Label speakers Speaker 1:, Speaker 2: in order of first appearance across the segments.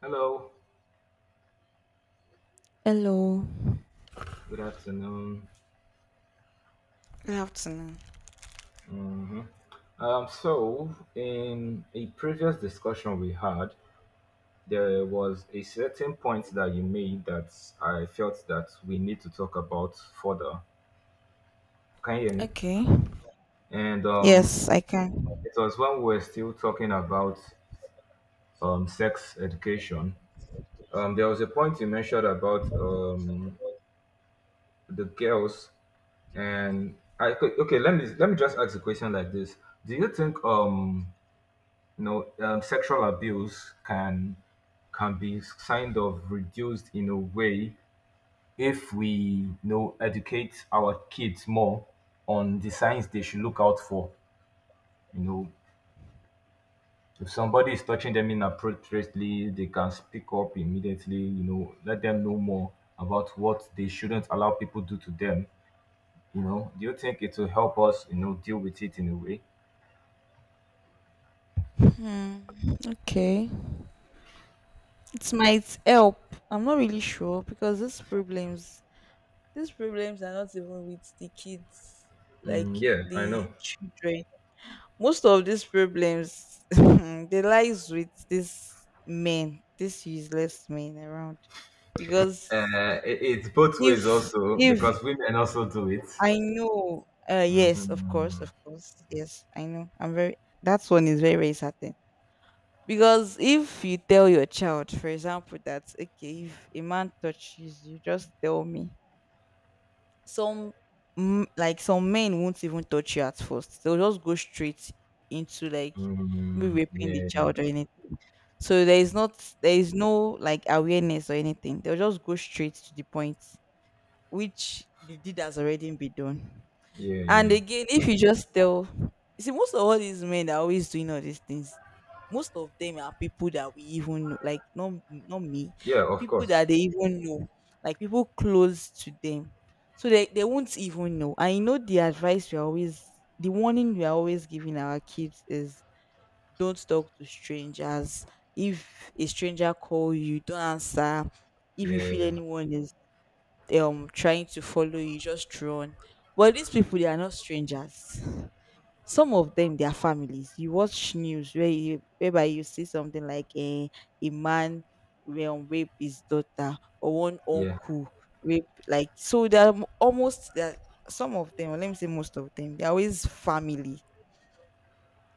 Speaker 1: Hello,
Speaker 2: Hello.
Speaker 1: good afternoon.
Speaker 2: Good afternoon.
Speaker 1: Mhm. So, in a previous discussion we had, there was a certain point that you made that I felt that we need to talk about further. Can you hear me?
Speaker 2: Okay.
Speaker 1: And
Speaker 2: Yes, I can.
Speaker 1: it was when we were still talking about sex education. There was a point you mentioned about the girls, and I okay. Let me just ask a question like this: Do you think sexual abuse can be kind of reduced in a way if we, educate our kids more on the signs they should look out for? you know if somebody is touching them inappropriately, they can speak up immediately. Let them know more about what they shouldn't allow people do to them. Do you think it will help us, deal with it in a way?
Speaker 2: Hmm. Okay. It might help. I'm not really sure because these problems are not even with the kids, like
Speaker 1: Mm, yeah, I
Speaker 2: the
Speaker 1: know.
Speaker 2: children. Most of these problems, they lies with these men, these useless men around, because
Speaker 1: It's both ways
Speaker 2: if
Speaker 1: also
Speaker 2: if
Speaker 1: because women also do it.
Speaker 2: I know. Yes, of course,
Speaker 1: Mhm.
Speaker 2: of course. Yes, I know. I'm very. That one is very, very certain. Because if you tell your child, for example, that okay, if a man touches you, just tell me. Some like some men won't even touch you at first. They'll just go straight into like maybe
Speaker 1: Mhm.
Speaker 2: raping the
Speaker 1: Yeah, yeah,
Speaker 2: child or anything. So there is no like awareness or anything. They'll just go straight to the point, which the deed has already been done. And
Speaker 1: yeah,
Speaker 2: again, if you just tell, you see, most of all these men that are always doing all these things, most of them are people that we even know, like not me,
Speaker 1: yeah. Of
Speaker 2: people
Speaker 1: course.
Speaker 2: that they even know, like people close to them, so they won't even know. I know the advice we are always, the warning we are always giving our kids is don't talk to strangers. If a stranger call you, don't answer. If you feel
Speaker 1: Yeah,
Speaker 2: anyone is trying to follow you, just run. But these people, they are not strangers. Some of them, their families. You watch news where you whereby you see something like a man will rape his daughter or one
Speaker 1: yeah,
Speaker 2: uncle rape, like. So they're, some of them, or let me say most of them, they're always family.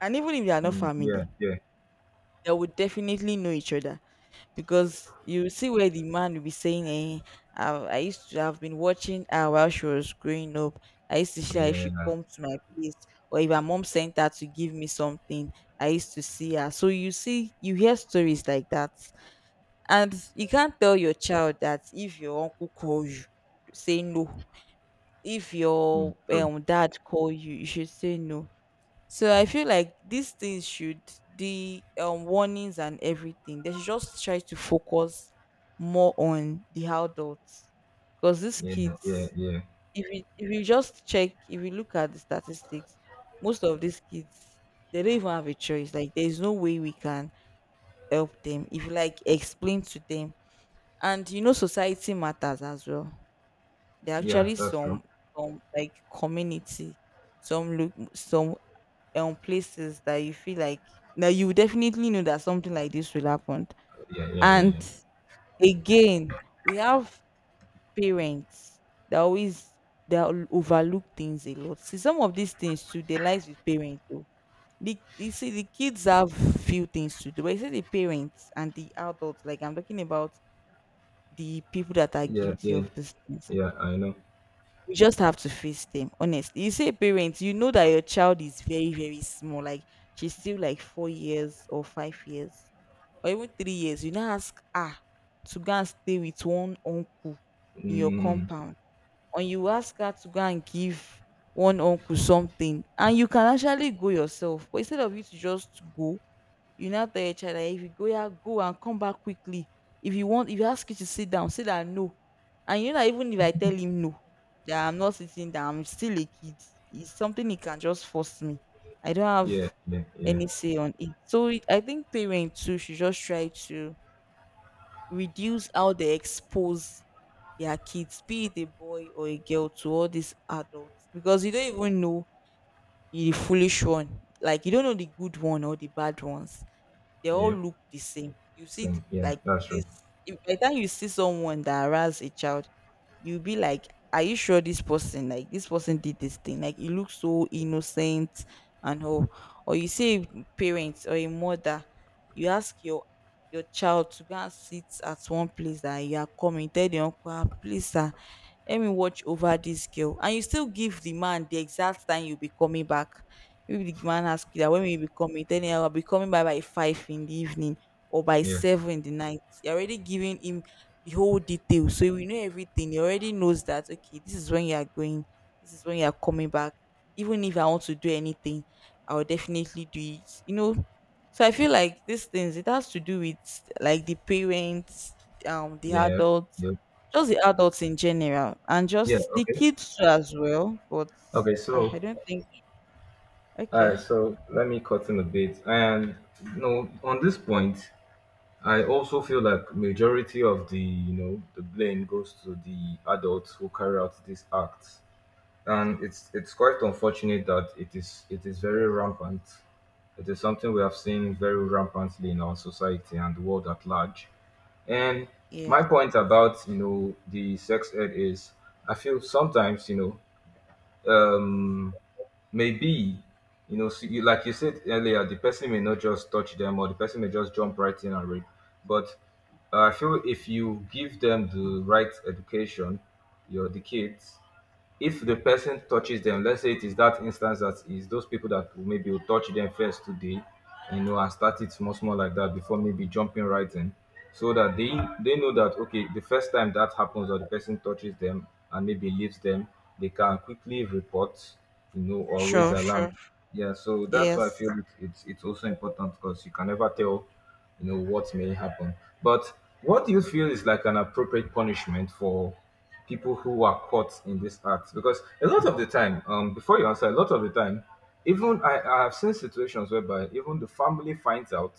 Speaker 2: And even if they are not
Speaker 1: mm, yeah,
Speaker 2: family,
Speaker 1: yeah,
Speaker 2: they would definitely know each other. Because you see where the man will be saying, eh, I used to have been watching her while she was growing up. I used to see her if she
Speaker 1: yeah.
Speaker 2: come to my place or if her mom sent her to give me something, I used to see her. So you see, you hear stories like that. And you can't tell your child that if your uncle calls you, say no. If
Speaker 1: Mm,
Speaker 2: your
Speaker 1: true.
Speaker 2: dad call you, you should say no. So I feel like these things should, the warnings and everything. They should just try to focus more on the adults, because these
Speaker 1: Yeah, yeah,
Speaker 2: kids,
Speaker 1: yeah,
Speaker 2: if you just check, if you look at the statistics, most of these kids, they don't even have a choice. Like there is no way we can help them if you like explain to them. And you know, society matters as well. There are
Speaker 1: yeah.
Speaker 2: actually
Speaker 1: That's true.
Speaker 2: some like community, some look some places that you feel like now you will definitely know that something like this will happen.
Speaker 1: Yeah, yeah,
Speaker 2: And
Speaker 1: yeah,
Speaker 2: again, we have parents that always they overlook things a lot. See, some of these things too, they lies with parents too. The, you see the kids have few things to do, but you see the parents and the adults, like I'm talking about the people that are
Speaker 1: yeah,
Speaker 2: guilty
Speaker 1: yeah, yeah.
Speaker 2: of these things,
Speaker 1: Yeah, I know.
Speaker 2: we just have to face them. Honestly, you say parents, you know that your child is very, very small, like she's still like 4 years or 5 years or even 3 years, you now ask her to go and stay with one uncle in your
Speaker 1: Mm,
Speaker 2: compound. And you ask her to go and give one uncle something, and you can actually go yourself, but instead of you to just go, you now tell your child that if you go, yeah, go and come back quickly. If you want, if you ask you to sit down, say that no. And you know that even if I tell him no, that I'm not sitting down, I'm still a kid. It's something he can just force me. I don't
Speaker 1: yeah,
Speaker 2: have
Speaker 1: yeah, yeah,
Speaker 2: any say on it. So it, I think parents too should just try to reduce how they expose their kids, be it a boy or a girl, to all these adults, because you don't even know. You're the foolish one. Like you don't know the good one or the bad ones, they all
Speaker 1: yeah.
Speaker 2: look the same. You see,
Speaker 1: Same. Yeah,
Speaker 2: like
Speaker 1: that's true.
Speaker 2: this. If by the time you see someone that harass a child, you'll be like, "Are you sure this person, like this person, did this thing? Like it looks so innocent and all." Or you see a parent or a mother, you ask your child to go and sit at one place that you are coming. Tell the uncle, "Ah, please, sir, let me watch over this girl," and you still give the man the exact time you'll be coming back. Maybe the man ask you that when will you be coming. Then, "I'll be coming by 5 in the evening or by
Speaker 1: Yeah,
Speaker 2: 7 in the night." You're already giving him the whole detail, so we know everything. He already knows that okay, this is when you are going, this is when you are coming back. Even if I want to do anything, I'll definitely do it, you know. So I feel like these things, it has to do with like the parents, the
Speaker 1: yeah,
Speaker 2: adults,
Speaker 1: yeah,
Speaker 2: just the adults in general, and
Speaker 1: yeah.
Speaker 2: just the
Speaker 1: Okay,
Speaker 2: kids too as well. But
Speaker 1: okay. So,
Speaker 2: I don't think.
Speaker 1: all right.
Speaker 2: Okay.
Speaker 1: So let me cut in a bit. And no, on this point. I also feel like majority of the you know the blame goes to the adults who carry out these acts, and it's quite unfortunate that it is very rampant. It is something we have seen very rampantly in our society and the world at large. And
Speaker 2: Yes.
Speaker 1: my point
Speaker 2: Yes.
Speaker 1: about, the sex ed is, I feel sometimes, know um, maybe, like you said earlier, the person may not just touch them, or the person may just jump right in and rape. But I feel if you give them the right education, your the kids, if the person touches them, let's say it is that instance, that is those people that will maybe will touch them first today, and start it small, small like that before maybe jumping right in, so that they know that okay, the first time that happens or the person touches them and maybe leaves them, they can quickly report, or raise
Speaker 2: Sure.
Speaker 1: alarm.
Speaker 2: Sure.
Speaker 1: Yeah, so that's why I feel
Speaker 2: Yes.
Speaker 1: it's also important, because you can never tell, what may happen. But what do you feel is like an appropriate punishment for people who are caught in this act? Because a lot of the time, before you answer, a lot of the time, even I have seen situations whereby even the family finds out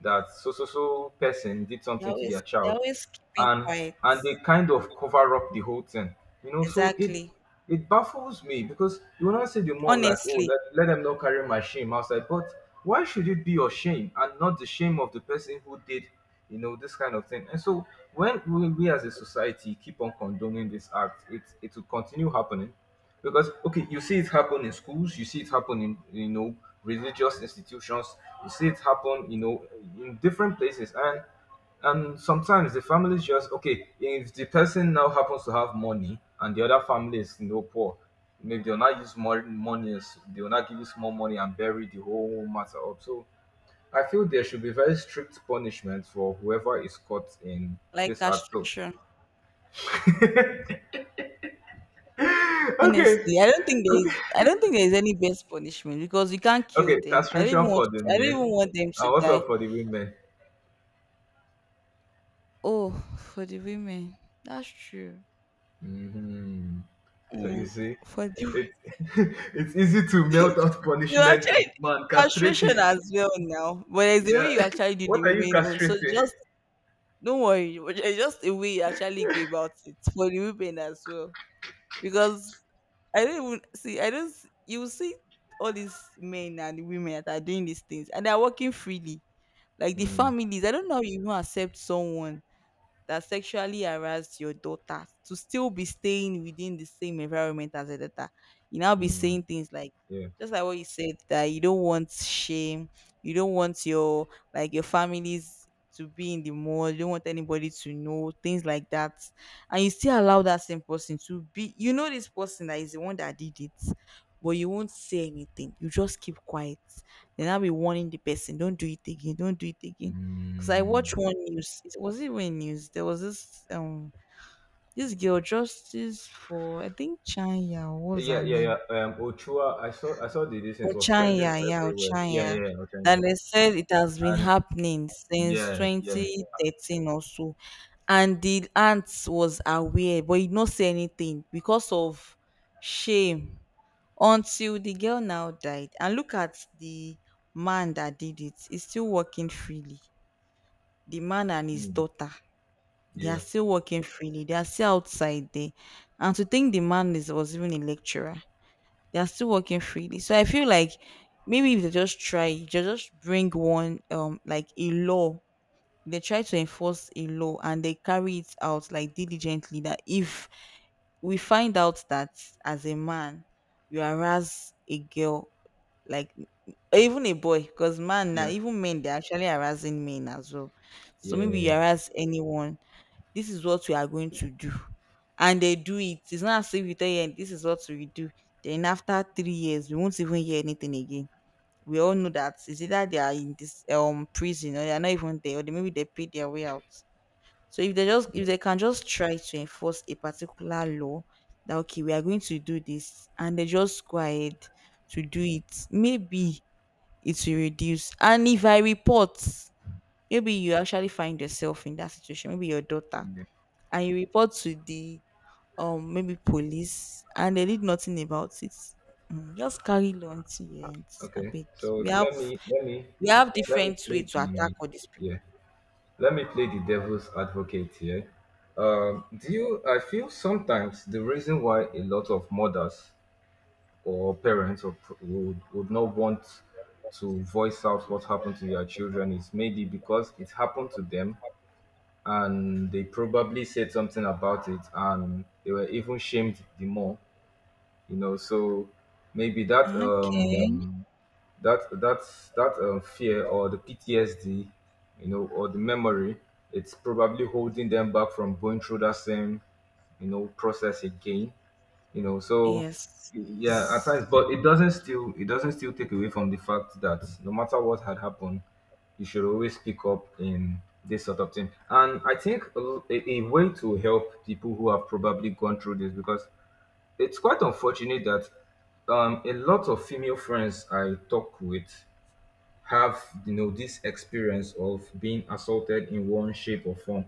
Speaker 1: that so, so, so person did something to their
Speaker 2: They're
Speaker 1: child,
Speaker 2: always keeping
Speaker 1: and
Speaker 2: quiet.
Speaker 1: they kind of cover up the whole thing, so it
Speaker 2: Exactly.
Speaker 1: it baffles me. Because you will not say the mom, like, oh,
Speaker 2: Honestly,
Speaker 1: let them not carry my shame outside. But why should it be your shame and not the shame of the person who did, this kind of thing? And so when we as a society keep on condoning this act, it will continue happening. Because, okay, you see it happen in schools, you see it happen in, religious institutions, you see it happen, in different places, and sometimes the families, just okay, if the person now happens to have money and the other family is, poor, maybe they'll not use more money. They will not give you small money and bury the whole matter up. So I feel there should be very strict punishment for whoever is caught in
Speaker 2: like
Speaker 1: this act. So
Speaker 2: castration.
Speaker 1: okay,
Speaker 2: Honestly, I don't think there
Speaker 1: okay,
Speaker 2: is. I don't think there is any best punishment, because you can't kill
Speaker 1: okay,
Speaker 2: them. I don't even
Speaker 1: castration
Speaker 2: want
Speaker 1: for the
Speaker 2: to, I don't even
Speaker 1: men.
Speaker 2: want them to
Speaker 1: And what
Speaker 2: die.
Speaker 1: about for the women?
Speaker 2: Oh, for the women. That's true.
Speaker 1: Hmm. So
Speaker 2: Mm.
Speaker 1: you see,
Speaker 2: For the wo-
Speaker 1: it, it's easy to melt out
Speaker 2: You
Speaker 1: punishment to
Speaker 2: actually,
Speaker 1: the man. Castrate
Speaker 2: castration
Speaker 1: him.
Speaker 2: as well now, but it's the way
Speaker 1: Yeah.
Speaker 2: you actually do
Speaker 1: What
Speaker 2: the
Speaker 1: are you
Speaker 2: women own. So
Speaker 1: castrating?
Speaker 2: just don't worry, but it's just the way you actually go about it for the women as well. Because I don't even see. I don't. You will see all these men and women that are doing these things, and they are working freely, like the
Speaker 1: Mm,
Speaker 2: families. I don't know how you even accept someone that sexually harassed your daughter to still be staying within the same environment as her daughter. You now be
Speaker 1: mm,
Speaker 2: saying things like
Speaker 1: yeah.
Speaker 2: just like what you said, that you don't want shame, you don't want your like your families to be in the mud, you don't want anybody to know, things like that. And you still allow that same person to be, you know, this person that is the one that did it, but you won't say anything. You just keep quiet. Then I'll be warning the person, don't do it again, don't do it again. Cause I
Speaker 1: Mm.
Speaker 2: watched one news. Was it when news? There was this girl, justice for I think Chanya. What was
Speaker 1: Yeah,
Speaker 2: her
Speaker 1: yeah, yeah.
Speaker 2: name?
Speaker 1: Ochoa, I saw the
Speaker 2: Oh
Speaker 1: distance was
Speaker 2: Chanya,
Speaker 1: trending
Speaker 2: yeah, oh
Speaker 1: everywhere. Yeah,
Speaker 2: Chanya.
Speaker 1: yeah, yeah, okay.
Speaker 2: That they said it has been
Speaker 1: And
Speaker 2: happening since
Speaker 1: yeah, yeah,
Speaker 2: 2013 or so, and the aunt was aware, but he did not say anything because of shame. Until the girl now died, and look at the man that did it. He's still working freely. The man and his
Speaker 1: mm,
Speaker 2: daughter, they
Speaker 1: yeah,
Speaker 2: are still working freely. They are still outside there. And to think the man is was even a lecturer. They are still working freely. So I feel like maybe if they just try, they just bring one like a law. They try to enforce a law and they carry it out like diligently, that if we find out that as a man you harass a girl, like even a boy, because man, now
Speaker 1: yeah,
Speaker 2: even men, they're actually harassing men as well. So
Speaker 1: yeah,
Speaker 2: maybe you
Speaker 1: yeah,
Speaker 2: harass anyone, this is what we are going to do. And they do it, it's not as if you tell them this is what we do then after 3 years we won't even hear anything again. We all know that it's either they are in this prison, or they are not even there, or they, maybe they paid their way out. So if they just, if
Speaker 1: yeah,
Speaker 2: they can just try to enforce a particular law that okay we are going to do this, and they just go ahead to do it, maybe it will reduce. And if I report, maybe you actually find yourself in that situation, maybe your daughter,
Speaker 1: yeah.
Speaker 2: and you report to the maybe police, and they did nothing about it. Mm, just carry on till your end,
Speaker 1: Okay,
Speaker 2: abeg.
Speaker 1: so
Speaker 2: we have
Speaker 1: let me let me
Speaker 2: we have
Speaker 1: let me
Speaker 2: different way
Speaker 1: play
Speaker 2: to attack
Speaker 1: the
Speaker 2: all these people.
Speaker 1: yeah. Let me play the devil's advocate here. Do you? I feel sometimes the reason why a lot of mothers or parents, would not want to voice out what happened to their children is maybe because it happened to them, and they probably said something about it and they were even shamed the more, you know so maybe that,
Speaker 2: Mm, okay.
Speaker 1: that that that fear or the PTSD, or the memory, it's probably holding them back from going through that same, process again, you know so
Speaker 2: Yes.
Speaker 1: yeah, at times. But it doesn't still take away from the fact that no matter what had happened, you should always speak up in this sort of thing. And I think a way to help people who have probably gone through this, because it's quite unfortunate that, a lot of female friends I talk with have, this experience of being assaulted in one shape or form.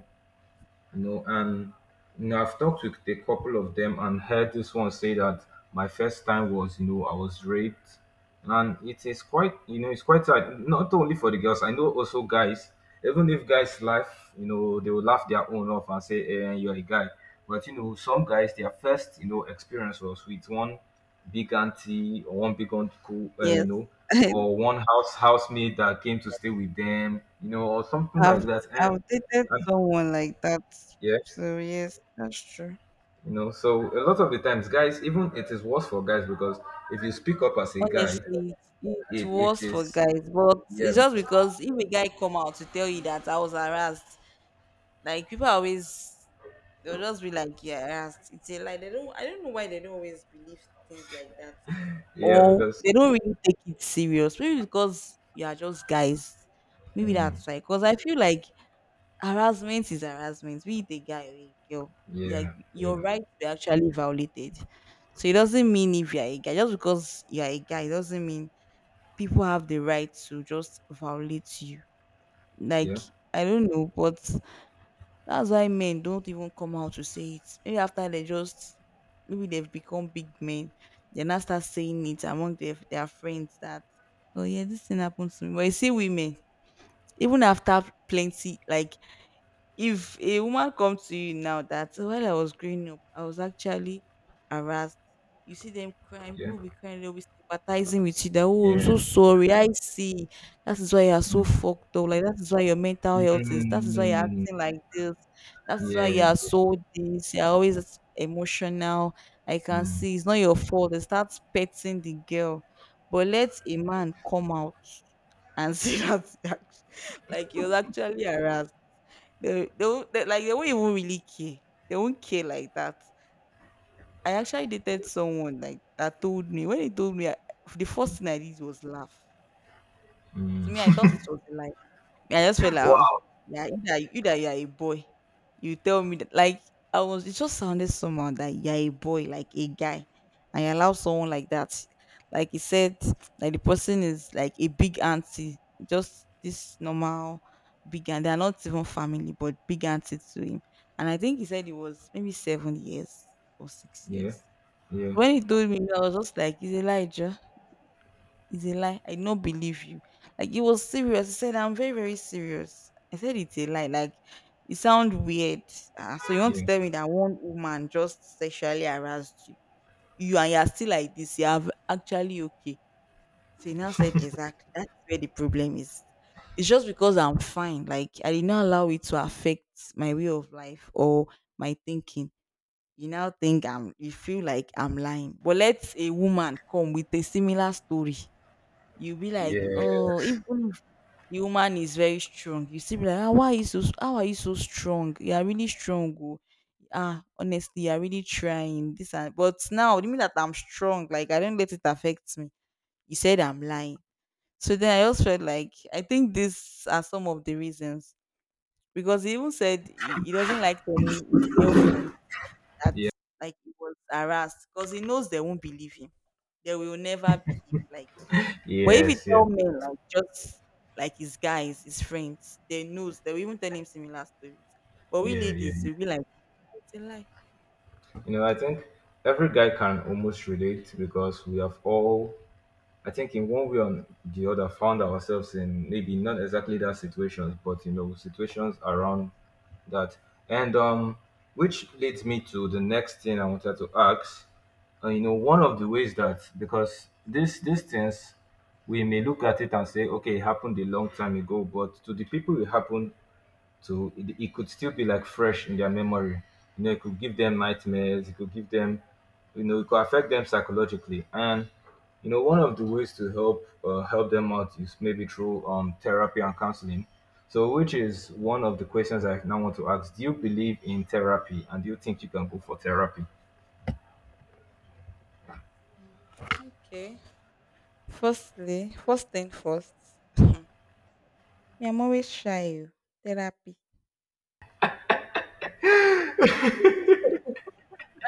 Speaker 1: No, and, I've talked with a couple of them and heard this one say that my first time was, I was raped, and it is quite, it's quite hard. Not only for the girls, I know, also guys. Even if guys laugh, they will laugh their own off and say, "Eh, you're a guy." But, some guys, their first, experience was with one big auntie or one big uncle,
Speaker 2: Yes,
Speaker 1: or one housemate that came to stay with them, or something
Speaker 2: I've
Speaker 1: like that, and
Speaker 2: I've dated
Speaker 1: and
Speaker 2: someone like that.
Speaker 1: yeah.
Speaker 2: So yes, that's true.
Speaker 1: A lot of the times guys, even, it is worse for guys, because if you speak up as a guy
Speaker 2: Honestly, it's
Speaker 1: it
Speaker 2: worse for
Speaker 1: is
Speaker 2: guys, but
Speaker 1: yeah
Speaker 2: it's just
Speaker 1: because,
Speaker 2: because if a guy come out to tell you that I was harassed, like people are always, they'll just be like, yeah, it's a lie. They don't. I don't know why they don't always believe things like that,
Speaker 1: yeah
Speaker 2: or
Speaker 1: because,
Speaker 2: they don't really take it serious. Maybe because you are just guys. Maybe
Speaker 1: mm,
Speaker 2: that's why. Because I feel like harassment is harassment. Be it a guy or a girl, like
Speaker 1: yeah,
Speaker 2: your
Speaker 1: yeah,
Speaker 2: rights were actually violated. So it doesn't mean if you're a guy, just because you're a guy, it doesn't mean people have the right to just violate you. Like
Speaker 1: yeah,
Speaker 2: I don't know, but that's why men don't even come out to say it. Maybe after they just maybe they've become big men, they now start saying it among their friends that oh yeah, this thing happened to me. But you see women, even after plenty like if a woman comes to you now that, "Oh, while I was growing up, I was actually harassed." You see them crying,
Speaker 1: yeah,
Speaker 2: people will be crying, they'll be sympathizing with you that oh, I'm
Speaker 1: yeah,
Speaker 2: so sorry, I see. That is why you are so
Speaker 1: mm,
Speaker 2: fucked up. Like that is why your mental health is that is why you're
Speaker 1: mm,
Speaker 2: acting like this. That is why you
Speaker 1: yeah,
Speaker 2: are so this, you're always as emotional. I
Speaker 1: yeah,
Speaker 2: can
Speaker 1: mm,
Speaker 2: see it's not your fault. They start petting the girl. But let a man come out and see that like you'll actually harass they won't they, like they won't even really care. They won't care like that. I actually dated someone like that told me when he told me I, the first thing I did was laugh. To me, I
Speaker 1: mm.
Speaker 2: thought it was a lie. I just felt like, oh,
Speaker 1: Wow,
Speaker 2: yeah, you that you are a boy. You tell me that like I was it just sounded somehow that you're a boy, like a guy. And you allow someone like that. Like he said, like the person is like a big auntie, just this normal big aunt. They're not even family, but big auntie to him. And I think he said it was maybe 7 years or six
Speaker 1: yeah,
Speaker 2: years.
Speaker 1: yeah,
Speaker 2: When he told me, I was just like, "Is Elijah?" It's a lie. I do not believe you. Like it was serious. He said, I'm very, very serious. I said it's a lie. Like it sounds weird. Ah, so you want to
Speaker 1: yeah,
Speaker 2: tell me that one woman just sexually harassed you. You and you're still like this. You have actually okay. So he now said, exactly. That's where the problem is. It's just because I'm fine. Like I did not allow it to affect my way of life or my thinking. You now think I'm you feel like I'm lying. But let a woman come with a similar story. You'll be like,
Speaker 1: yeah,
Speaker 2: oh, even if the woman is very strong, you still be like, ah, why are you so how are you so strong? You are really strong. Oh. Ah, honestly, you are really trying. This and but now you mean that I'm strong, like I don't let it affect me. You said I'm lying. So then I also felt like I think these are some of the reasons. Because he even said he doesn't like telling his girlfriend that
Speaker 1: yeah,
Speaker 2: like he was harassed because he knows they won't believe him. They will never believe. Like but if you
Speaker 1: yes, yeah,
Speaker 2: tell men like just like his guys, his friends, they knows they will even tell him similar stories. But we
Speaker 1: yeah, yeah,
Speaker 2: ladies,
Speaker 1: yeah.
Speaker 2: we be like, it's a lie.
Speaker 1: I think every guy can almost relate, because we have all, I think, in one way or the other, found ourselves in, maybe not exactly that situations, but, situations around that. And, which leads me to the next thing I wanted to ask. One of the ways that, because this these things, we may look at it and say, okay, it happened a long time ago, but to the people it happened, so it could still be like fresh in their memory. It could give them nightmares. It could give them, it could affect them psychologically. And, one of the ways to help them out is maybe through, therapy and counseling. So, which is one of the questions I now want to ask: Do you believe in therapy, and do you think you can go for therapy?
Speaker 2: Okay. Firstly, first thing first, me, I'm always shy. Oh. Therapy.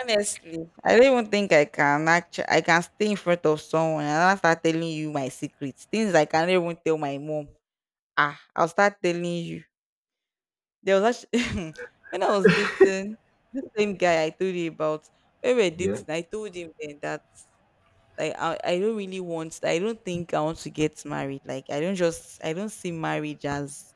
Speaker 2: Honestly, I don't even think I can actually I can stay in front of someone and I'll start telling you my secrets. Things I can't even tell my mom. Ah, I'll start telling you. There was actually, when I was dating the same guy I told you about, when we were
Speaker 1: Yeah.
Speaker 2: dating, I told him then that like I don't really want I don't think I want to get married. Like I don't just I don't see marriage as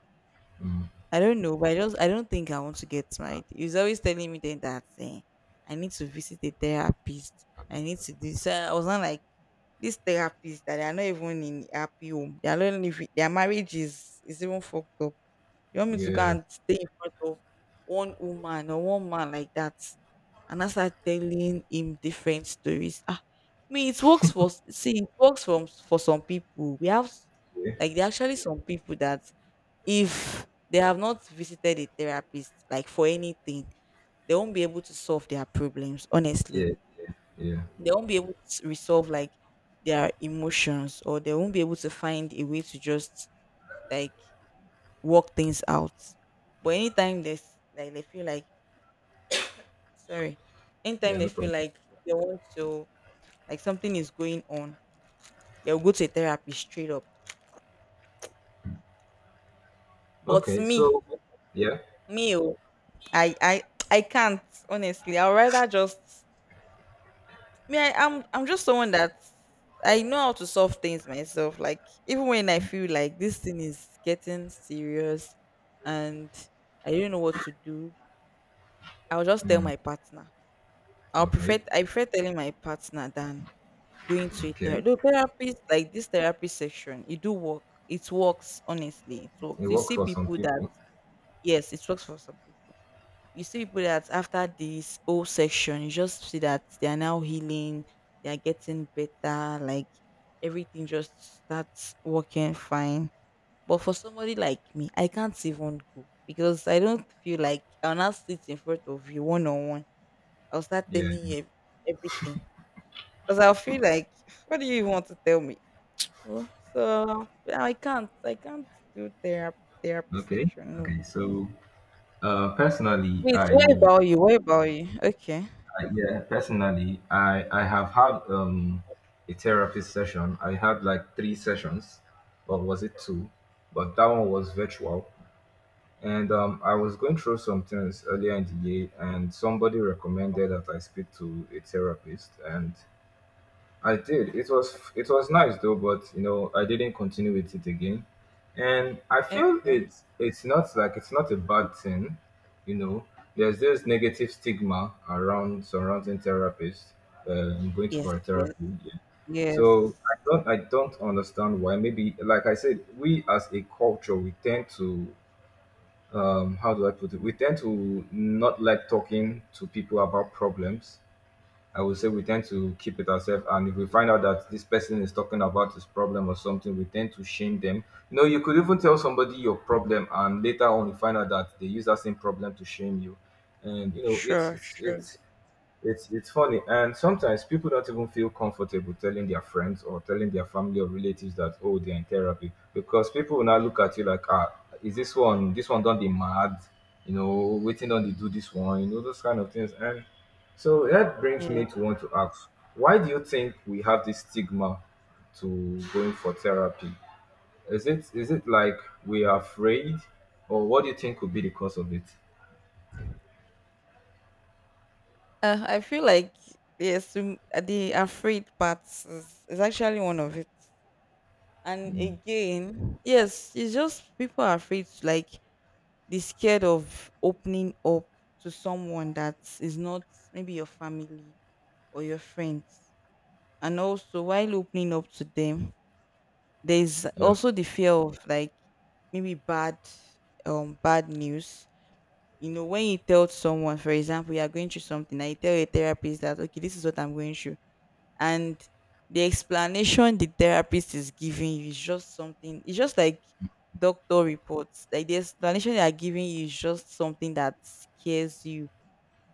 Speaker 1: Mm.
Speaker 2: I don't know, but I just I don't think I want to get married. He's always telling me then that I need to visit a therapist. I need to do so I was not like this therapist that they are not even in happy home. They are not even their marriage is even fucked up. You want me to go
Speaker 1: Yeah.
Speaker 2: and stay in front of one woman or one man like that? And I started telling him different stories. Ah, me, it works for see, it works for some people. We have
Speaker 1: Yeah.
Speaker 2: like there are actually some people that if they have not visited a therapist, like for anything, they won't be able to solve their problems. Honestly,
Speaker 1: Yeah. Yeah.
Speaker 2: they won't be able to resolve like their emotions, or they won't be able to find a way to just like work things out. But anytime they like they feel like sorry, anytime
Speaker 1: Yeah.
Speaker 2: they
Speaker 1: No
Speaker 2: feel
Speaker 1: problem.
Speaker 2: like they want to like something is going on, they'll go to a therapist straight up. But
Speaker 1: Okay.
Speaker 2: me,
Speaker 1: So, yeah.
Speaker 2: oh, i i I can't. Honestly, I'd rather just me, I'm just someone that I know how to solve things myself. Like even when I feel like this thing is getting serious and I don't know what to do, I'll just tell my partner. i'll prefer
Speaker 1: Okay.
Speaker 2: i prefer telling my partner than going to a
Speaker 1: Okay.
Speaker 2: therapist. The therapist, like this therapy section, it do work. It works, honestly. It works.
Speaker 1: It
Speaker 2: You
Speaker 1: works
Speaker 2: see
Speaker 1: for some
Speaker 2: people that
Speaker 1: people.
Speaker 2: yes, it works for some people. You see people that after this whole section, you just see that they are now healing, they are getting better, like everything just starts working fine. But for somebody like me, I can't even go because I don't feel like I'll not sit in front of you one on one. I'll start
Speaker 1: Yeah.
Speaker 2: telling you everything because I'll feel like, what do you even want to tell me? Oh, so I can't do therapy
Speaker 1: Okay.
Speaker 2: section. No.
Speaker 1: Okay. So, personally,
Speaker 2: Wait, what about you? What about you? Okay.
Speaker 1: I yeah, personally, I have had a therapy session. I had like three sessions, or was it two? But that one was virtual, and, I was going through some things earlier in the year, and somebody recommended that I speak to a therapist, and I did. It was nice though, but, I didn't continue with it again. And I
Speaker 2: Okay.
Speaker 1: feel it's not like it's not a bad thing, you know. There's this negative stigma around surrounding therapists. I'm going to
Speaker 2: Yes,
Speaker 1: for a
Speaker 2: yes,
Speaker 1: therapy. Yeah.
Speaker 2: yes.
Speaker 1: So I don't understand why. Maybe like I said, we as a culture, we tend to, how do I put it? We tend to not like talking to people about problems. I would say we tend to keep it ourselves. And if we find out that this person is talking about his problem or something, we tend to shame them. You could even tell somebody your problem, and later on, you find out that they use that same problem to shame you. And you know, it's
Speaker 2: Sure,
Speaker 1: it's
Speaker 2: sure.
Speaker 1: it's it's it's funny, and sometimes people don't even feel comfortable telling their friends or telling their family or relatives that oh they're in therapy because people will now look at you like ah is this one don't be mad waiting on to do this one those kind of things and so that brings
Speaker 2: Yes.
Speaker 1: me to want to ask why do you think we have this stigma to going for therapy is it like we are afraid or what do you think could be the cause of it
Speaker 2: I feel like yes, the afraid part is actually one of it. And again, yes, it's just people are afraid, like they're scared of opening up to someone that is not maybe your family or your friends. And also, while opening up to them, there's
Speaker 1: yeah,
Speaker 2: also the fear of like maybe bad bad news. You know, when you tell someone, for example, you are going through something, and you tell a therapist that okay, this is what I'm going through, and the explanation the therapist is giving you is just something. It's just like doctor reports. Like the explanation they are giving you is just something that scares you.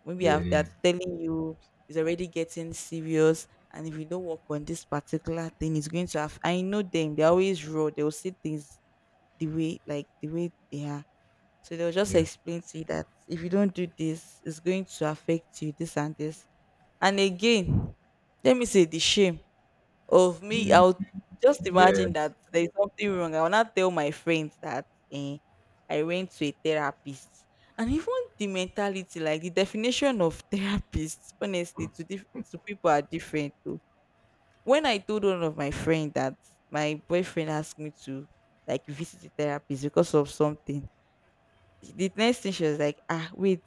Speaker 2: Maybe
Speaker 1: yeah,
Speaker 2: they
Speaker 1: yeah,
Speaker 2: are telling you it's already getting serious, and if you don't work on this particular thing, it's going to have. I know them; they're always raw. They'll see things the way, like the way they are. So they'll just
Speaker 1: yeah.
Speaker 2: explain to you that if you don't do this, it's going to affect you, this and this. And again, let me say the shame. Of me, I
Speaker 1: Mm,
Speaker 2: would just
Speaker 1: yeah,
Speaker 2: imagine that there's something wrong. I will not tell my friends that eh, I went to a therapist. And even the mentality, like the definition of therapist, honestly, to to people are different too. When I told one of my friends that my boyfriend asked me to like visit a therapist because of something, the next thing she was like, ah, wait,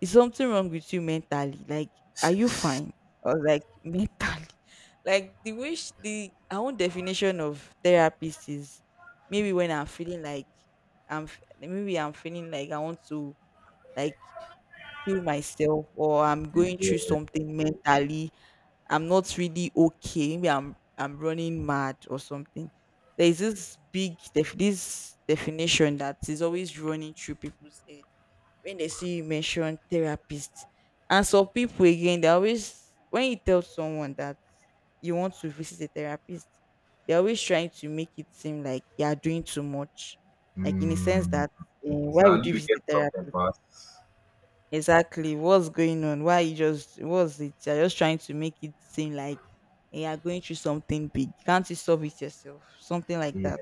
Speaker 2: is something wrong with you mentally? Like, are you fine? I was like, mentally. Like the way sh the her own definition of therapist is maybe when I'm feeling like I'm maybe I'm feeling like I want to like kill myself or I'm going
Speaker 1: yeah.
Speaker 2: through something mentally. I'm not really okay. Maybe I'm running mad or something. There is this definition that is always running through people's head when they see you mention therapist. And some people again, they always when you tell someone that you want to visit a therapist, they're always trying to make it seem like you are doing too much. Like in a sense
Speaker 1: Mm,
Speaker 2: that
Speaker 1: it's
Speaker 2: why would
Speaker 1: not
Speaker 2: you
Speaker 1: you
Speaker 2: visit
Speaker 1: get
Speaker 2: a
Speaker 1: broken
Speaker 2: therapist?
Speaker 1: past.
Speaker 2: Exactly. What's going on? Why you just what's it? You're just trying to make it seem like you are going through something big. Can't you solve it yourself? Something like
Speaker 1: Yeah,
Speaker 2: that.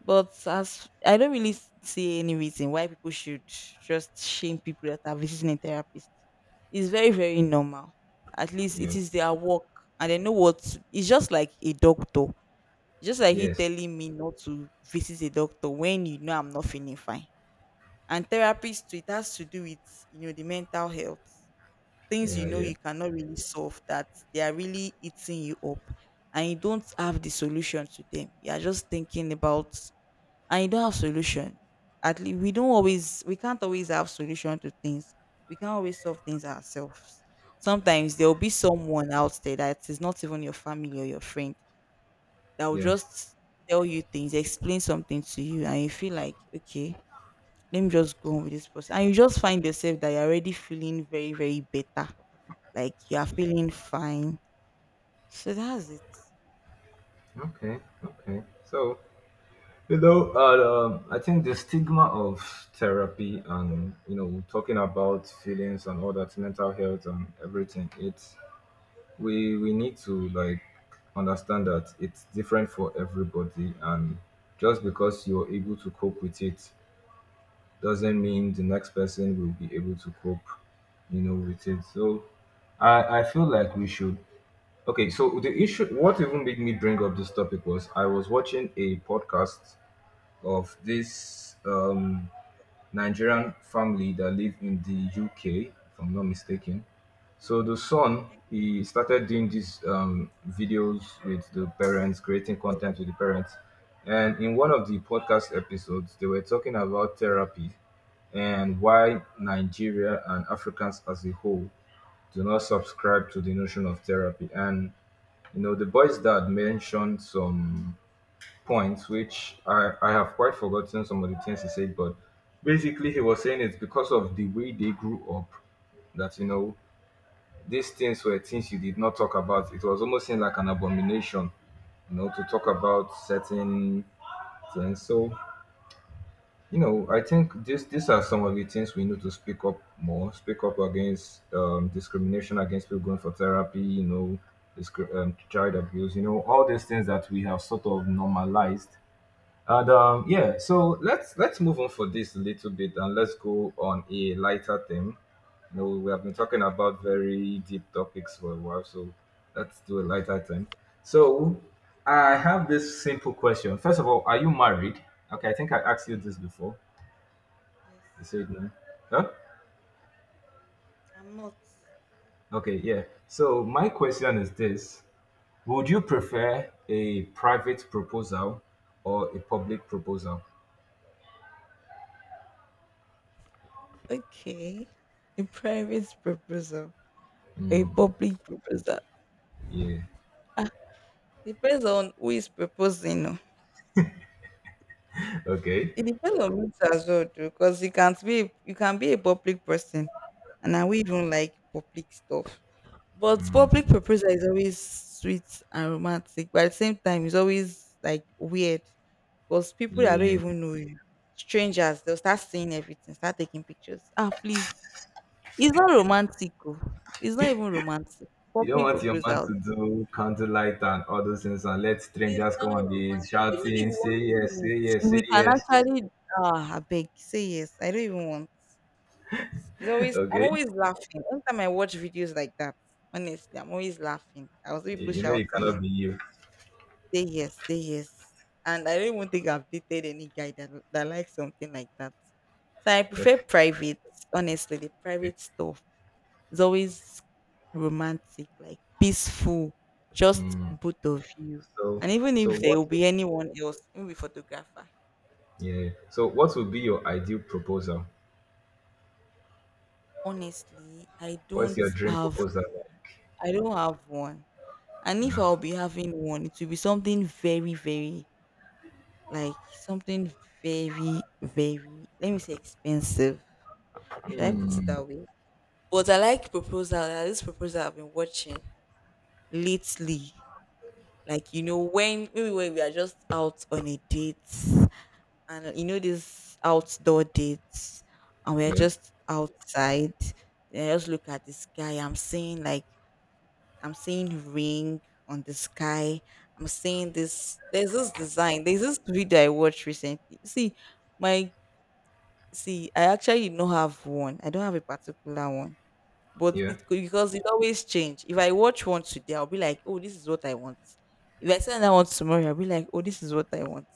Speaker 2: But as I don't really see any reason why people should just shame people that are visiting a therapist. It's very, very normal. At least it
Speaker 1: yeah,
Speaker 2: is their work and they know what it's just like a doctor. Just like you
Speaker 1: yes,
Speaker 2: telling me not to visit a doctor when you know I'm not feeling fine. And therapist too, it has to do with you know the mental health. Things you
Speaker 1: yeah,
Speaker 2: know
Speaker 1: yeah,
Speaker 2: you cannot really solve that they are really eating you up and you don't have the solution to them. You are just thinking about and you don't have solution. At least we can't always have solution to things. We can't always solve things ourselves. Sometimes there will be someone out there that is not even your family or your friend that will
Speaker 1: yeah.
Speaker 2: just tell you things, explain something to you, and you feel like, okay, let me just go on with this person, and you just find yourself that you're already feeling very better, like you're feeling fine. So that's it.
Speaker 1: Okay, okay. So I think the stigma of therapy and talking about feelings and all that mental health and everything. It's we need to like understand that it's different for everybody and just because you're able to cope with it doesn't mean the next person will be able to cope, with it. So I feel like we should. Okay, so the issue, what even made me bring up this topic was I was watching a podcast of this Nigerian family that live in the UK, if I'm not mistaken. So the son, he started doing these videos with the parents, creating content with the parents. And in one of the podcast episodes, they were talking about therapy and why Nigeria and Africans as a whole do not subscribe to the notion of therapy. And you know, the boys that mentioned some points, which I have quite forgotten some of the things he said, but basically he was saying it's because of the way they grew up that you know these things were things you did not talk about. It was almost seen like an abomination, you know, to talk about certain things. So you know, I think this these are some of the things we need to speak up more. Speak up against discrimination against people going for therapy. You know, child abuse. You know, all these things that we have sort of normalized and yeah, so let's move on for this a little bit and let's go on a lighter theme. You know, we have been
Speaker 2: Like
Speaker 1: talking about very deep topics for a while, so let's do a lighter thing. So I have this simple question. First of all, are you married? Okay, I think I asked you this before.
Speaker 2: yes,
Speaker 1: You said no. Huh?
Speaker 2: I'm not.
Speaker 1: Okay, yeah. So my question is this: would you prefer a private proposal or a public proposal?
Speaker 2: Okay. A private proposal or a public proposal.
Speaker 1: Yeah.
Speaker 2: Depends on who is proposing. Oh.
Speaker 1: Okay.
Speaker 2: It depends on me too, as well, too, because you can't be you can be a public person and I will even like public stuff. But public proposal is always sweet and romantic, but at the same time it's always like weird because people that don't
Speaker 1: Yeah.
Speaker 2: even know you, strangers, they'll start seeing everything, start taking pictures. Ah, please. It's not romantic. Oh. It's not even romantic.
Speaker 1: You don't
Speaker 2: Public
Speaker 1: want your man
Speaker 2: proposal.
Speaker 1: to do candlelight and all those things and let
Speaker 2: It's
Speaker 1: strangers come
Speaker 2: not
Speaker 1: and be
Speaker 2: romantic. Even if you
Speaker 1: shouting, say
Speaker 2: want to
Speaker 1: yes,
Speaker 2: do
Speaker 1: say
Speaker 2: it,
Speaker 1: yes,
Speaker 2: we
Speaker 1: say
Speaker 2: can
Speaker 1: yes.
Speaker 2: actually. Ah, I beg. Say yes. I don't even want. It's always. I'm
Speaker 1: Okay?
Speaker 2: always laughing. Anytime I watch videos like that, honestly, I'm always laughing. I was
Speaker 1: You
Speaker 2: people
Speaker 1: you know you
Speaker 2: shouting,
Speaker 1: cannot be you.
Speaker 2: Say yes," and I don't even think I've dated any guy that likes something like that. So I prefer private. Honestly, the private stuff. It's always romantic, like peaceful, just
Speaker 1: Mm.
Speaker 2: both of you.
Speaker 1: So
Speaker 2: And even
Speaker 1: so
Speaker 2: if there
Speaker 1: what
Speaker 2: will
Speaker 1: would-
Speaker 2: be anyone else, maybe photographer.
Speaker 1: yeah. So what would be your ideal proposal?
Speaker 2: Honestly,
Speaker 1: What's your dream proposal like?
Speaker 2: I don't have one. And if
Speaker 1: Yeah.
Speaker 2: I'll be having one, it will be something very, very, like something very, very, let me say expensive. Should I put it that way? But I like proposal. I like. This proposal I've been watching lately. Like, you know, when maybe when we are just out on a date, and you know these outdoor dates, and we're
Speaker 1: Yeah.
Speaker 2: just outside. Then I just look at the sky, I'm seeing like, I'm seeing ring on the sky. I'm seeing this, there's this design, there's this video I watched recently. See my, see I actually don't have one, I don't have a particular one, but
Speaker 1: Yeah.
Speaker 2: it could, because it always change. If I watch one today, I'll be like, oh, this is what I want. If I see another one tomorrow, I'll be like, oh, this is what I want.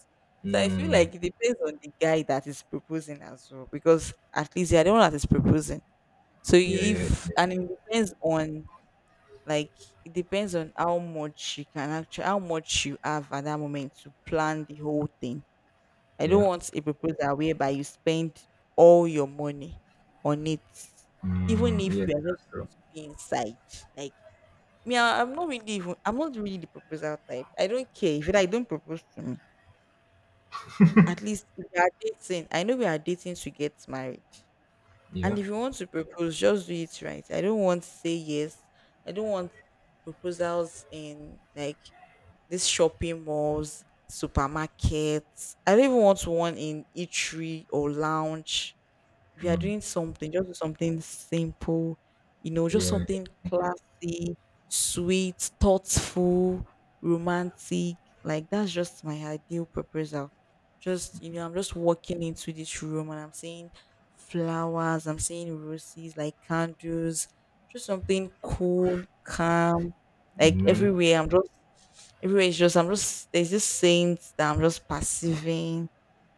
Speaker 2: So I feel
Speaker 1: Mm.
Speaker 2: like it depends on the guy that is proposing as well, because at least you are the one that is proposing. So
Speaker 1: Yeah, yeah,
Speaker 2: if, and it depends on, like, it depends on how much you can actually, how much you have at that moment to plan the whole thing. I don't
Speaker 1: yeah.
Speaker 2: want a proposal whereby you spend all your money on it, even
Speaker 1: Mm.
Speaker 2: if
Speaker 1: Yeah,
Speaker 2: we are just
Speaker 1: that's
Speaker 2: going
Speaker 1: true.
Speaker 2: to be inside. Like me, I'm not really even. I'm not really the proposal type. I don't care if you like. Don't propose to me. At least if we are dating, I know we are dating to get married. And
Speaker 1: Yeah.
Speaker 2: if you want to propose, just do it right. I don't want to say yes. I don't want proposals in like these shopping malls, supermarkets. I don't even want one in eatery or lounge. If you are doing something, just do something simple, you know, just
Speaker 1: Yeah.
Speaker 2: something classy, sweet, thoughtful, romantic. Like that's just my ideal proposal. Just, you know, I'm just walking into this room and I'm seeing flowers, I'm seeing roses, like candles, just something cool, calm. Like
Speaker 1: Mm.
Speaker 2: everywhere, I'm just everywhere is just, I'm just there's this saint that I'm just perceiving,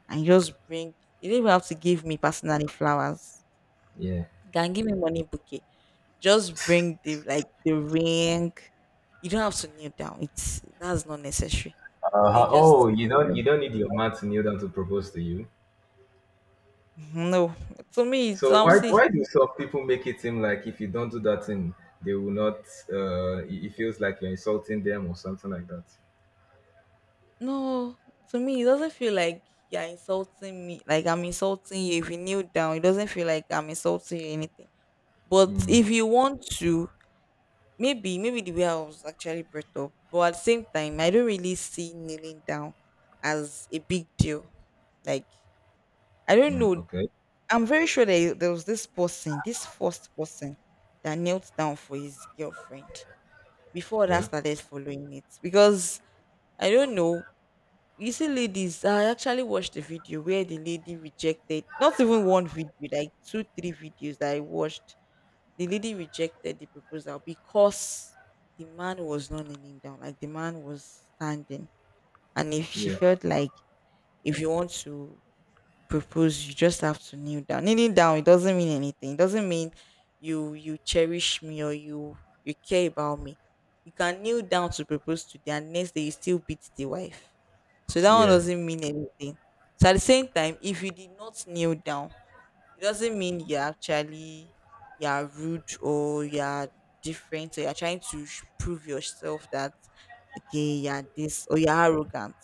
Speaker 2: and you just bring, you don't even have to give me personally flowers.
Speaker 1: Yeah.
Speaker 2: You can give me money bouquet. Just bring the, like, the ring. You don't have to kneel down. It's that's not necessary. Then
Speaker 1: Uh-huh.
Speaker 2: you just,
Speaker 1: Oh, you don't need your man to kneel down to propose to you.
Speaker 2: mm-hmm, no. To me it's
Speaker 1: So why
Speaker 2: see,
Speaker 1: why do some people make it seem like if you don't do that thing, they will not? It it feels like you're insulting them or something like that.
Speaker 2: no, to me it doesn't feel like you're insulting me like I'm insulting you. If you kneel down, it doesn't feel like I'm insulting you or anything. But
Speaker 1: Mm,
Speaker 2: if you want to. Maybe, maybe the way I was actually brought up, but at the same time, I don't really see kneeling down as a big deal. Like, I don't
Speaker 1: mm,
Speaker 2: know.
Speaker 1: okay.
Speaker 2: I'm very sure that there was this person, this first person that knelt down for his girlfriend before that
Speaker 1: Yeah.
Speaker 2: started following it. Because I don't know. You see, ladies, I actually watched the video where the lady rejected, not even one video, like two, three videos that I watched, the lady rejected the proposal because the man was not leaning down, like the man was standing. And if she
Speaker 1: Yeah.
Speaker 2: felt like, if you want to propose, you just have to kneel down. Kneeling down, it doesn't mean anything. It doesn't mean you cherish me or you care about me. You can kneel down to propose today, and next day you still beat the wife. So that one
Speaker 1: Yeah.
Speaker 2: doesn't mean anything. So at the same time, if you did not kneel down, it doesn't mean you're actually you're rude or you're different or you're trying to prove yourself that okay you're this or you're arrogant.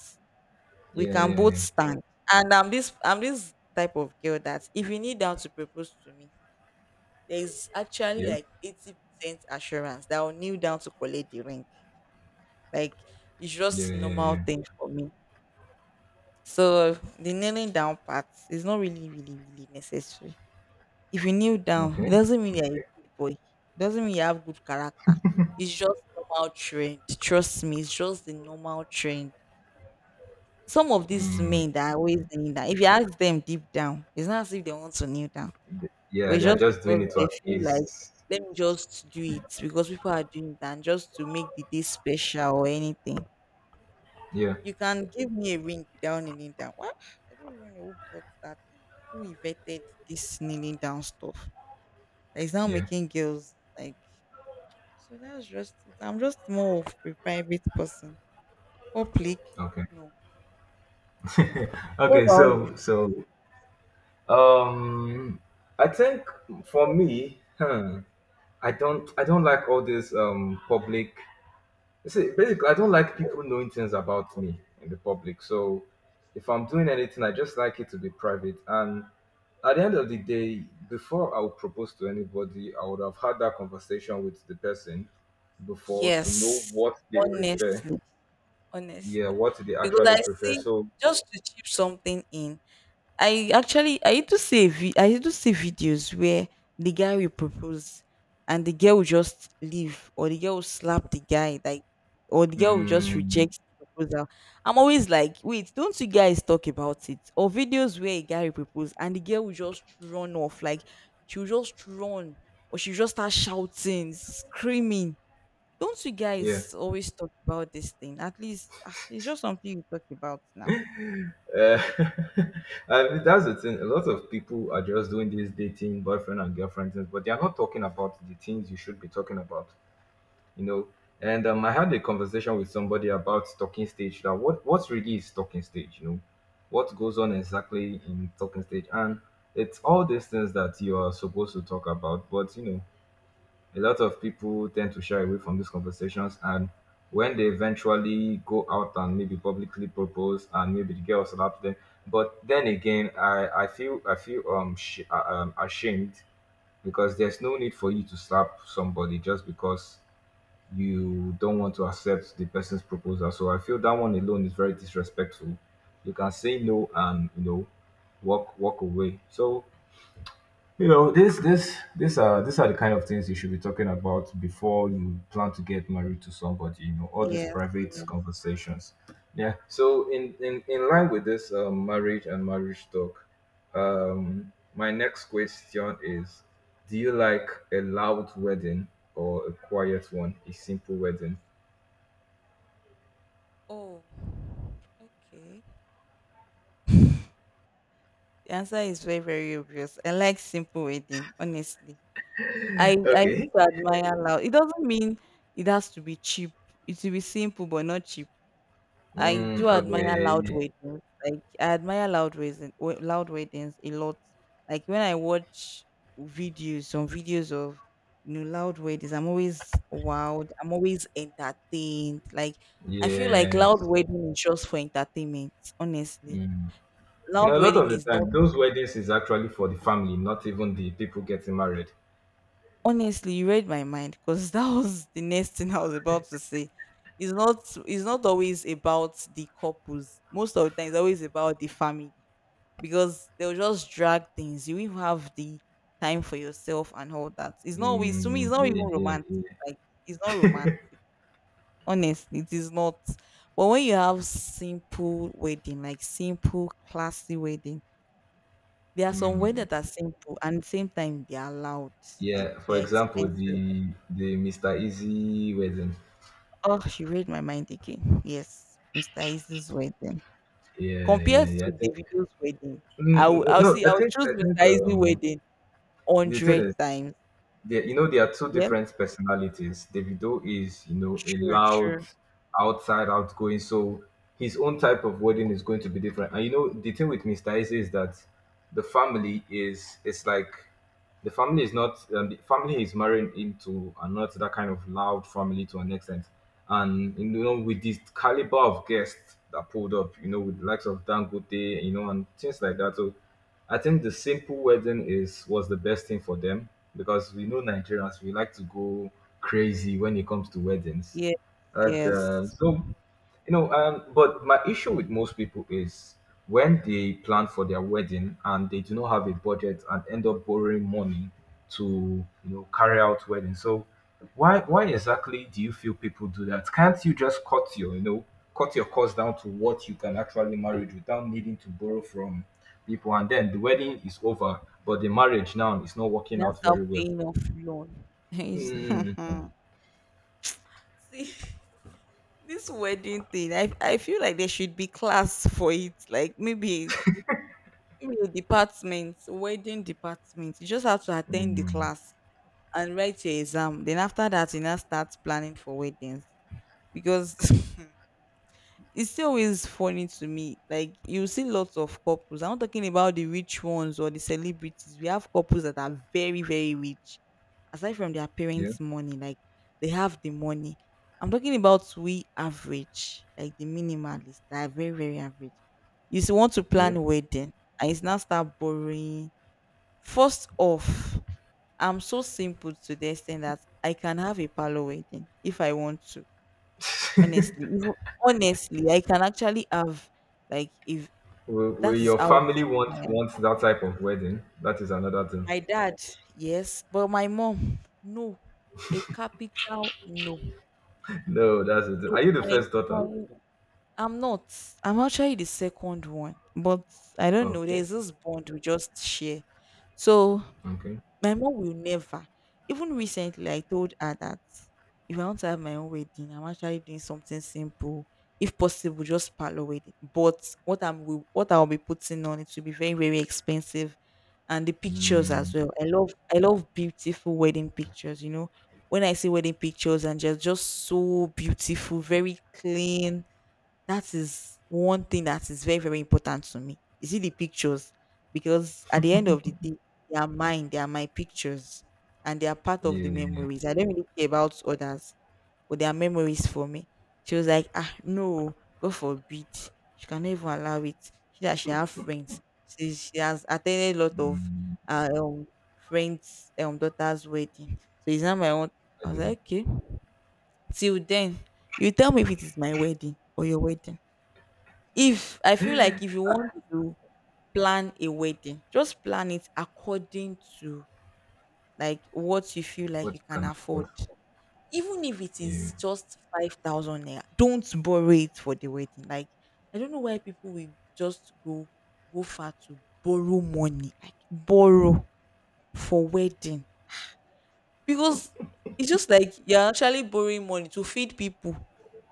Speaker 2: We
Speaker 1: Yeah.
Speaker 2: can
Speaker 1: Yeah.
Speaker 2: both
Speaker 1: Yeah.
Speaker 2: stand. And I'm this I'm this type of girl that if you kneel down to propose to me, there's actually
Speaker 1: Yeah.
Speaker 2: like 80% assurance that I'll kneel down to collect the ring. Like, it's
Speaker 1: Yeah.
Speaker 2: just
Speaker 1: Yeah.
Speaker 2: normal
Speaker 1: Yeah.
Speaker 2: thing for me. So the kneeling down part is not really really necessary. If you kneel down,
Speaker 1: Okay.
Speaker 2: it doesn't mean you're a good boy. It doesn't mean you have good character. It's just normal trend. Trust me, it's just the normal trend. Some of these
Speaker 1: Mm,
Speaker 2: men that are always kneeling down, if you ask them deep down, it's not as if they want to kneel down, but
Speaker 1: yeah.
Speaker 2: it's
Speaker 1: They are
Speaker 2: just
Speaker 1: just doing
Speaker 2: because
Speaker 1: it to
Speaker 2: they feel like,
Speaker 1: appease.
Speaker 2: let me just do it because people are doing that and just to make the day special or anything.
Speaker 1: Yeah.
Speaker 2: You can give me a ring without kneeling down. What? I don't even know who brought that in. Who invented this kneeling down stuff? That is now
Speaker 1: Yeah.
Speaker 2: making girls like. So that's just it. I'm just more of a private person. Public,
Speaker 1: Okay.
Speaker 2: no. What
Speaker 1: okay.
Speaker 2: about you?
Speaker 1: Um, I think for me, I don't like all this public. You see, basically, I don't like people knowing things about me in the public. So if I'm doing anything, I just like it to be private. And at the end of the day, before I would propose to anybody, I would have had that conversation with the person before to know
Speaker 2: Yes,
Speaker 1: what they prefer.
Speaker 2: honestly,
Speaker 1: Yeah,
Speaker 2: honestly,
Speaker 1: what they
Speaker 2: because
Speaker 1: actually
Speaker 2: I
Speaker 1: prefer.
Speaker 2: see,
Speaker 1: So,
Speaker 2: just to chip something in, I actually I used to see a I used to see videos where the guy will propose and the girl will just leave, or the girl will slap the guy like, or the girl will just
Speaker 1: mm,
Speaker 2: reject the proposal. I'm always like, wait, don't you guys talk about it? Or videos where a guy will propose and the girl will just run off, like she'll just run, or she'll just start shouting, screaming. Don't you
Speaker 1: yeah.
Speaker 2: guys always talk about this thing? At least ah, it's just something you talk about now.
Speaker 1: Uh, I mean, that's the thing. A lot of people are just doing this dating, boyfriend and girlfriend things, but they are not talking about the things you should be talking about. You know. And I had a conversation with somebody about talking stage. That what really is talking stage, you know, what goes on exactly in talking stage, and it's all these things that you are supposed to talk about. But you know, a lot of people tend to shy away from these conversations, and when they eventually go out and maybe publicly propose, and maybe the girls allow them. But then again, I feel ashamed because there's no need for you to slap somebody just because you don't want to accept the person's proposal. So I feel that one alone is very disrespectful. You can say no and you know walk away. So you know this this these are the kind of things you should be talking about before you plan to get married to somebody. You know all these
Speaker 2: Yes.
Speaker 1: private
Speaker 2: Yes.
Speaker 1: conversations. Yeah. So in line with this marriage and marriage talk, my next question is: do you like a loud wedding or a quiet one, a simple wedding?
Speaker 2: Oh, okay. The answer is very, very obvious. I like simple wedding, honestly. I used
Speaker 1: Okay.
Speaker 2: to admire loud. It doesn't mean it has to be cheap. It will be simple but not cheap. I
Speaker 1: Mm,
Speaker 2: do admire loud
Speaker 1: okay.
Speaker 2: weddings. Like I admire loud weddings a lot. Like when I watch videos, some videos of, you know, loud weddings, I'm always wowed. I'm always entertained. Like I feel like loud
Speaker 1: Yes.
Speaker 2: wedding is just for entertainment. Honestly,
Speaker 1: Mm. You
Speaker 2: loud
Speaker 1: know, a lot
Speaker 2: wedding
Speaker 1: of the
Speaker 2: is not.
Speaker 1: time, those weddings is actually for the family, not even the people getting married.
Speaker 2: Honestly, you read my mind because that was the next thing I was about to say. It's not it's not always about the couples. Most of the time it's always about the family. Because they'll just drag things. You will have the time for yourself and all that. It's not always, to me, it's
Speaker 1: Mm,
Speaker 2: not even
Speaker 1: yeah, yeah,
Speaker 2: romantic.
Speaker 1: yeah.
Speaker 2: Like it's not romantic. Honestly, it is not. But when you have simple wedding, like simple, classy wedding, there are some
Speaker 1: Mm,
Speaker 2: weddings that are simple and at the same time they are loud, like
Speaker 1: yeah. For
Speaker 2: they're
Speaker 1: example,
Speaker 2: expensive.
Speaker 1: the Mr. Easy wedding.
Speaker 2: Oh, she read my mind again. Yes, Mr. Easy's wedding.
Speaker 1: Yeah,
Speaker 2: Compared
Speaker 1: yeah, yeah. I
Speaker 2: to
Speaker 1: think.
Speaker 2: Davido's wedding,
Speaker 1: Mm, no, I
Speaker 2: I'll
Speaker 1: think
Speaker 2: choose
Speaker 1: I think
Speaker 2: Mr. Easy wedding one
Speaker 1: the thing
Speaker 2: hundred
Speaker 1: is
Speaker 2: times.
Speaker 1: there, you know, there are two
Speaker 2: Yes,
Speaker 1: different personalities. Davido is, you know, a
Speaker 2: true,
Speaker 1: loud,
Speaker 2: true.
Speaker 1: outside, outgoing. So his own type of wedding is going to be different. And you know, the thing with Mr. Ize is that the family is, it's like the family is not the family is marrying into and not that kind of loud family to an extent. And you know, with this caliber of guests that pulled up, you know, with the likes of Dangote, you know, and things like that. So I think the simple wedding is was the best thing for them because we know Nigerians we like to go crazy when it comes to weddings.
Speaker 2: Yes,
Speaker 1: And
Speaker 2: yes.
Speaker 1: so, you know, but my issue with most people is when they plan for their wedding and they do not have a budget and end up borrowing money to, you know, carry out wedding. So why exactly do you feel people do that? Can't you just cut your, you know, cut your cost down to what you can actually manage without needing to borrow from people? And then the wedding is over, but the marriage now is not working
Speaker 2: Now
Speaker 1: out
Speaker 2: start
Speaker 1: very well.
Speaker 2: paying off loan. It's-
Speaker 1: Mm,
Speaker 2: see, this wedding thing, I feel like there should be class for it. Like maybe, maybe a department, wedding department. You just have to attend the
Speaker 1: mm,
Speaker 2: class and write your exam. Then after that, you now start planning for weddings, because it's still always funny to me. Like you see lots of couples. I'm not talking about the rich ones or the celebrities. We have couples that are very very rich, aside from their
Speaker 1: yeah,
Speaker 2: parents' money. Like they have the money. I'm talking about we average, like the minimalist, that are very very average. You still want to
Speaker 1: yeah.
Speaker 2: plan wedding, and it's now start borrowing. First off, I'm so simple to the extent that I can have a parlor wedding if I want to. Honestly, even, honestly, I can actually have, like, if.
Speaker 1: Will
Speaker 2: That is
Speaker 1: your
Speaker 2: how
Speaker 1: family
Speaker 2: simple I
Speaker 1: want
Speaker 2: am.
Speaker 1: want that type of wedding? That is another thing.
Speaker 2: My dad, yes, but my mom, no, a capital no,
Speaker 1: No, that's it. Are
Speaker 2: no.
Speaker 1: you the first
Speaker 2: My,
Speaker 1: daughter?
Speaker 2: I'm not. I'm actually the second one, but I don't know.
Speaker 1: Okay,
Speaker 2: There's this bond we just share. So
Speaker 1: okay.
Speaker 2: my mom will never. Even recently, I told her that if I want to have my own wedding, I'm actually doing something simple. If possible, just parlor wedding. But what I'll be putting on it will be very very expensive, and the pictures as
Speaker 1: Mm,
Speaker 2: well. I love beautiful wedding pictures. You know, when I see wedding pictures and just so beautiful, very clean, that is one thing that is very, very important to me. You see the pictures because at the end of the day, they are mine, they are my pictures, and they are part of the
Speaker 1: yeah, yeah, yeah.
Speaker 2: memories. I don't really care about others, but they are memories for me. She was like, ah, no, God forbid. She can never allow it. She that she have friends. She has attended a lot of
Speaker 1: Mm,
Speaker 2: uh, um friends daughter's wedding. So it's not my own.
Speaker 1: I
Speaker 2: I was
Speaker 1: see.
Speaker 2: like, okay. Till then, you tell me if it is my wedding or your wedding. If I feel like, if you want to plan a wedding, just plan it according to like what you feel like
Speaker 1: What
Speaker 2: you
Speaker 1: you
Speaker 2: can
Speaker 1: can
Speaker 2: afford.
Speaker 1: afford?
Speaker 2: Even if it
Speaker 1: Yeah,
Speaker 2: is just 5,000 naira, don't borrow it for the wedding. Like I don't know why people will just go far to borrow money, like borrow for wedding. Because it's just like you're actually borrowing money to feed people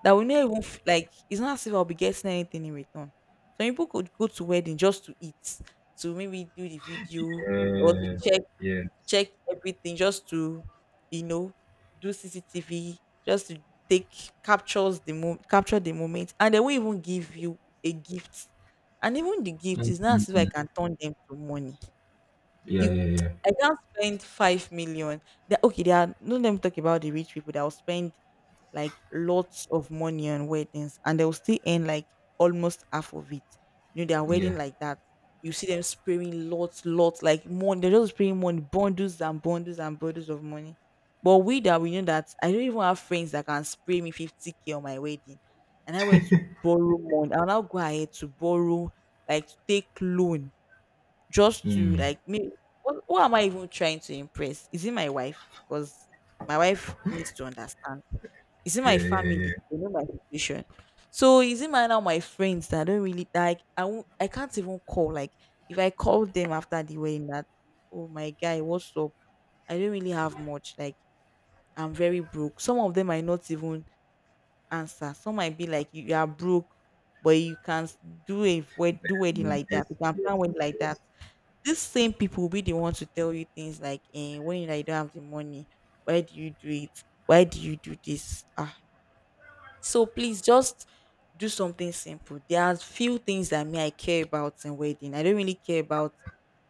Speaker 2: that will not even like it's not as if I'll be getting anything in return. Some people could go to wedding just to eat, to maybe do the video or to
Speaker 1: yeah, yeah,
Speaker 2: check everything, just to you know do CCTV, just to take captures the mo- capture the moment, and they won't even give you a gift. And even the gift
Speaker 1: mm.
Speaker 2: is not as if I can turn them to money.
Speaker 1: Yeah,
Speaker 2: You
Speaker 1: yeah, yeah.
Speaker 2: I can't spend 5 million. That okay, they are no, let me talk about the rich people that will spend like lots of money on weddings and they'll still earn like almost half of it. You know, they are
Speaker 1: Yeah.
Speaker 2: wedding like that. You see them spraying lots, like money. They're just spraying money, bundles and bundles and bundles of money. But we that we know that I don't even have friends that can spray me 50K on my wedding. And I went to borrow money. I'll now go ahead to borrow, like to take loan just to
Speaker 1: Mm.
Speaker 2: like me what am I even trying to impress? Is it my wife? Because my wife needs to understand. Is it my
Speaker 1: Yeah, yeah, yeah.
Speaker 2: family? They know my situation. So is it my now my friends that I don't really like? I can't even call, like if I call them after the wedding that, oh my guy, what's up, I don't really have much, like I'm very broke. Some of them might not even answer. Some might be like, you are broke but do wedding
Speaker 1: Mm,
Speaker 2: like that,
Speaker 1: yes,
Speaker 2: you can
Speaker 1: yes,
Speaker 2: plan wedding like that.
Speaker 1: yes.
Speaker 2: These same people will be the ones to tell you things like, eh, when you, like, you don't have the money, why do you do it? Why do you do this? Ah, so please just do something simple. There are few things that me I care about in wedding. I don't really care about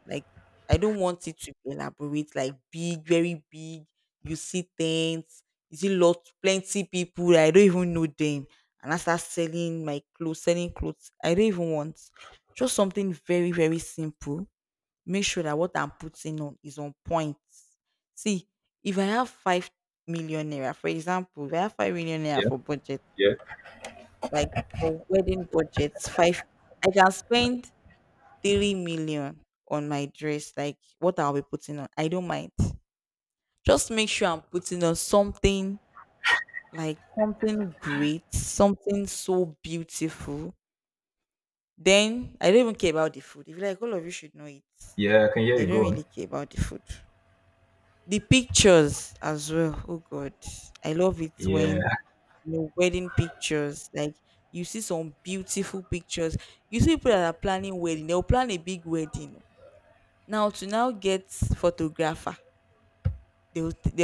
Speaker 2: like, I don't want it to be elaborate, like big, very big. You see things, you see lot plenty people that I don't even know them. And I start selling my clothes, selling clothes. I don't even want. Just something very, very simple, make sure that what I'm putting on is on point. See, if I have 5 million naira, for example, if I have 5 million naira
Speaker 1: Yeah,
Speaker 2: for budget,
Speaker 1: yeah,
Speaker 2: like for wedding budgets, five, I can spend 3 million on my dress, like what I'll be putting on. I don't mind. Just make sure I'm putting on something like something great, something so beautiful. Then I don't even care about the food. If you like all of you should know it,
Speaker 1: yeah. I can hear
Speaker 2: I
Speaker 1: you.
Speaker 2: don't
Speaker 1: Go
Speaker 2: really
Speaker 1: on.
Speaker 2: care about the food. The pictures as well. Oh God, I love it
Speaker 1: Yeah.
Speaker 2: when you know wedding pictures. Like you see some beautiful pictures. You see people that are planning wedding. They'll plan a big wedding. Now to now get photographer. They'll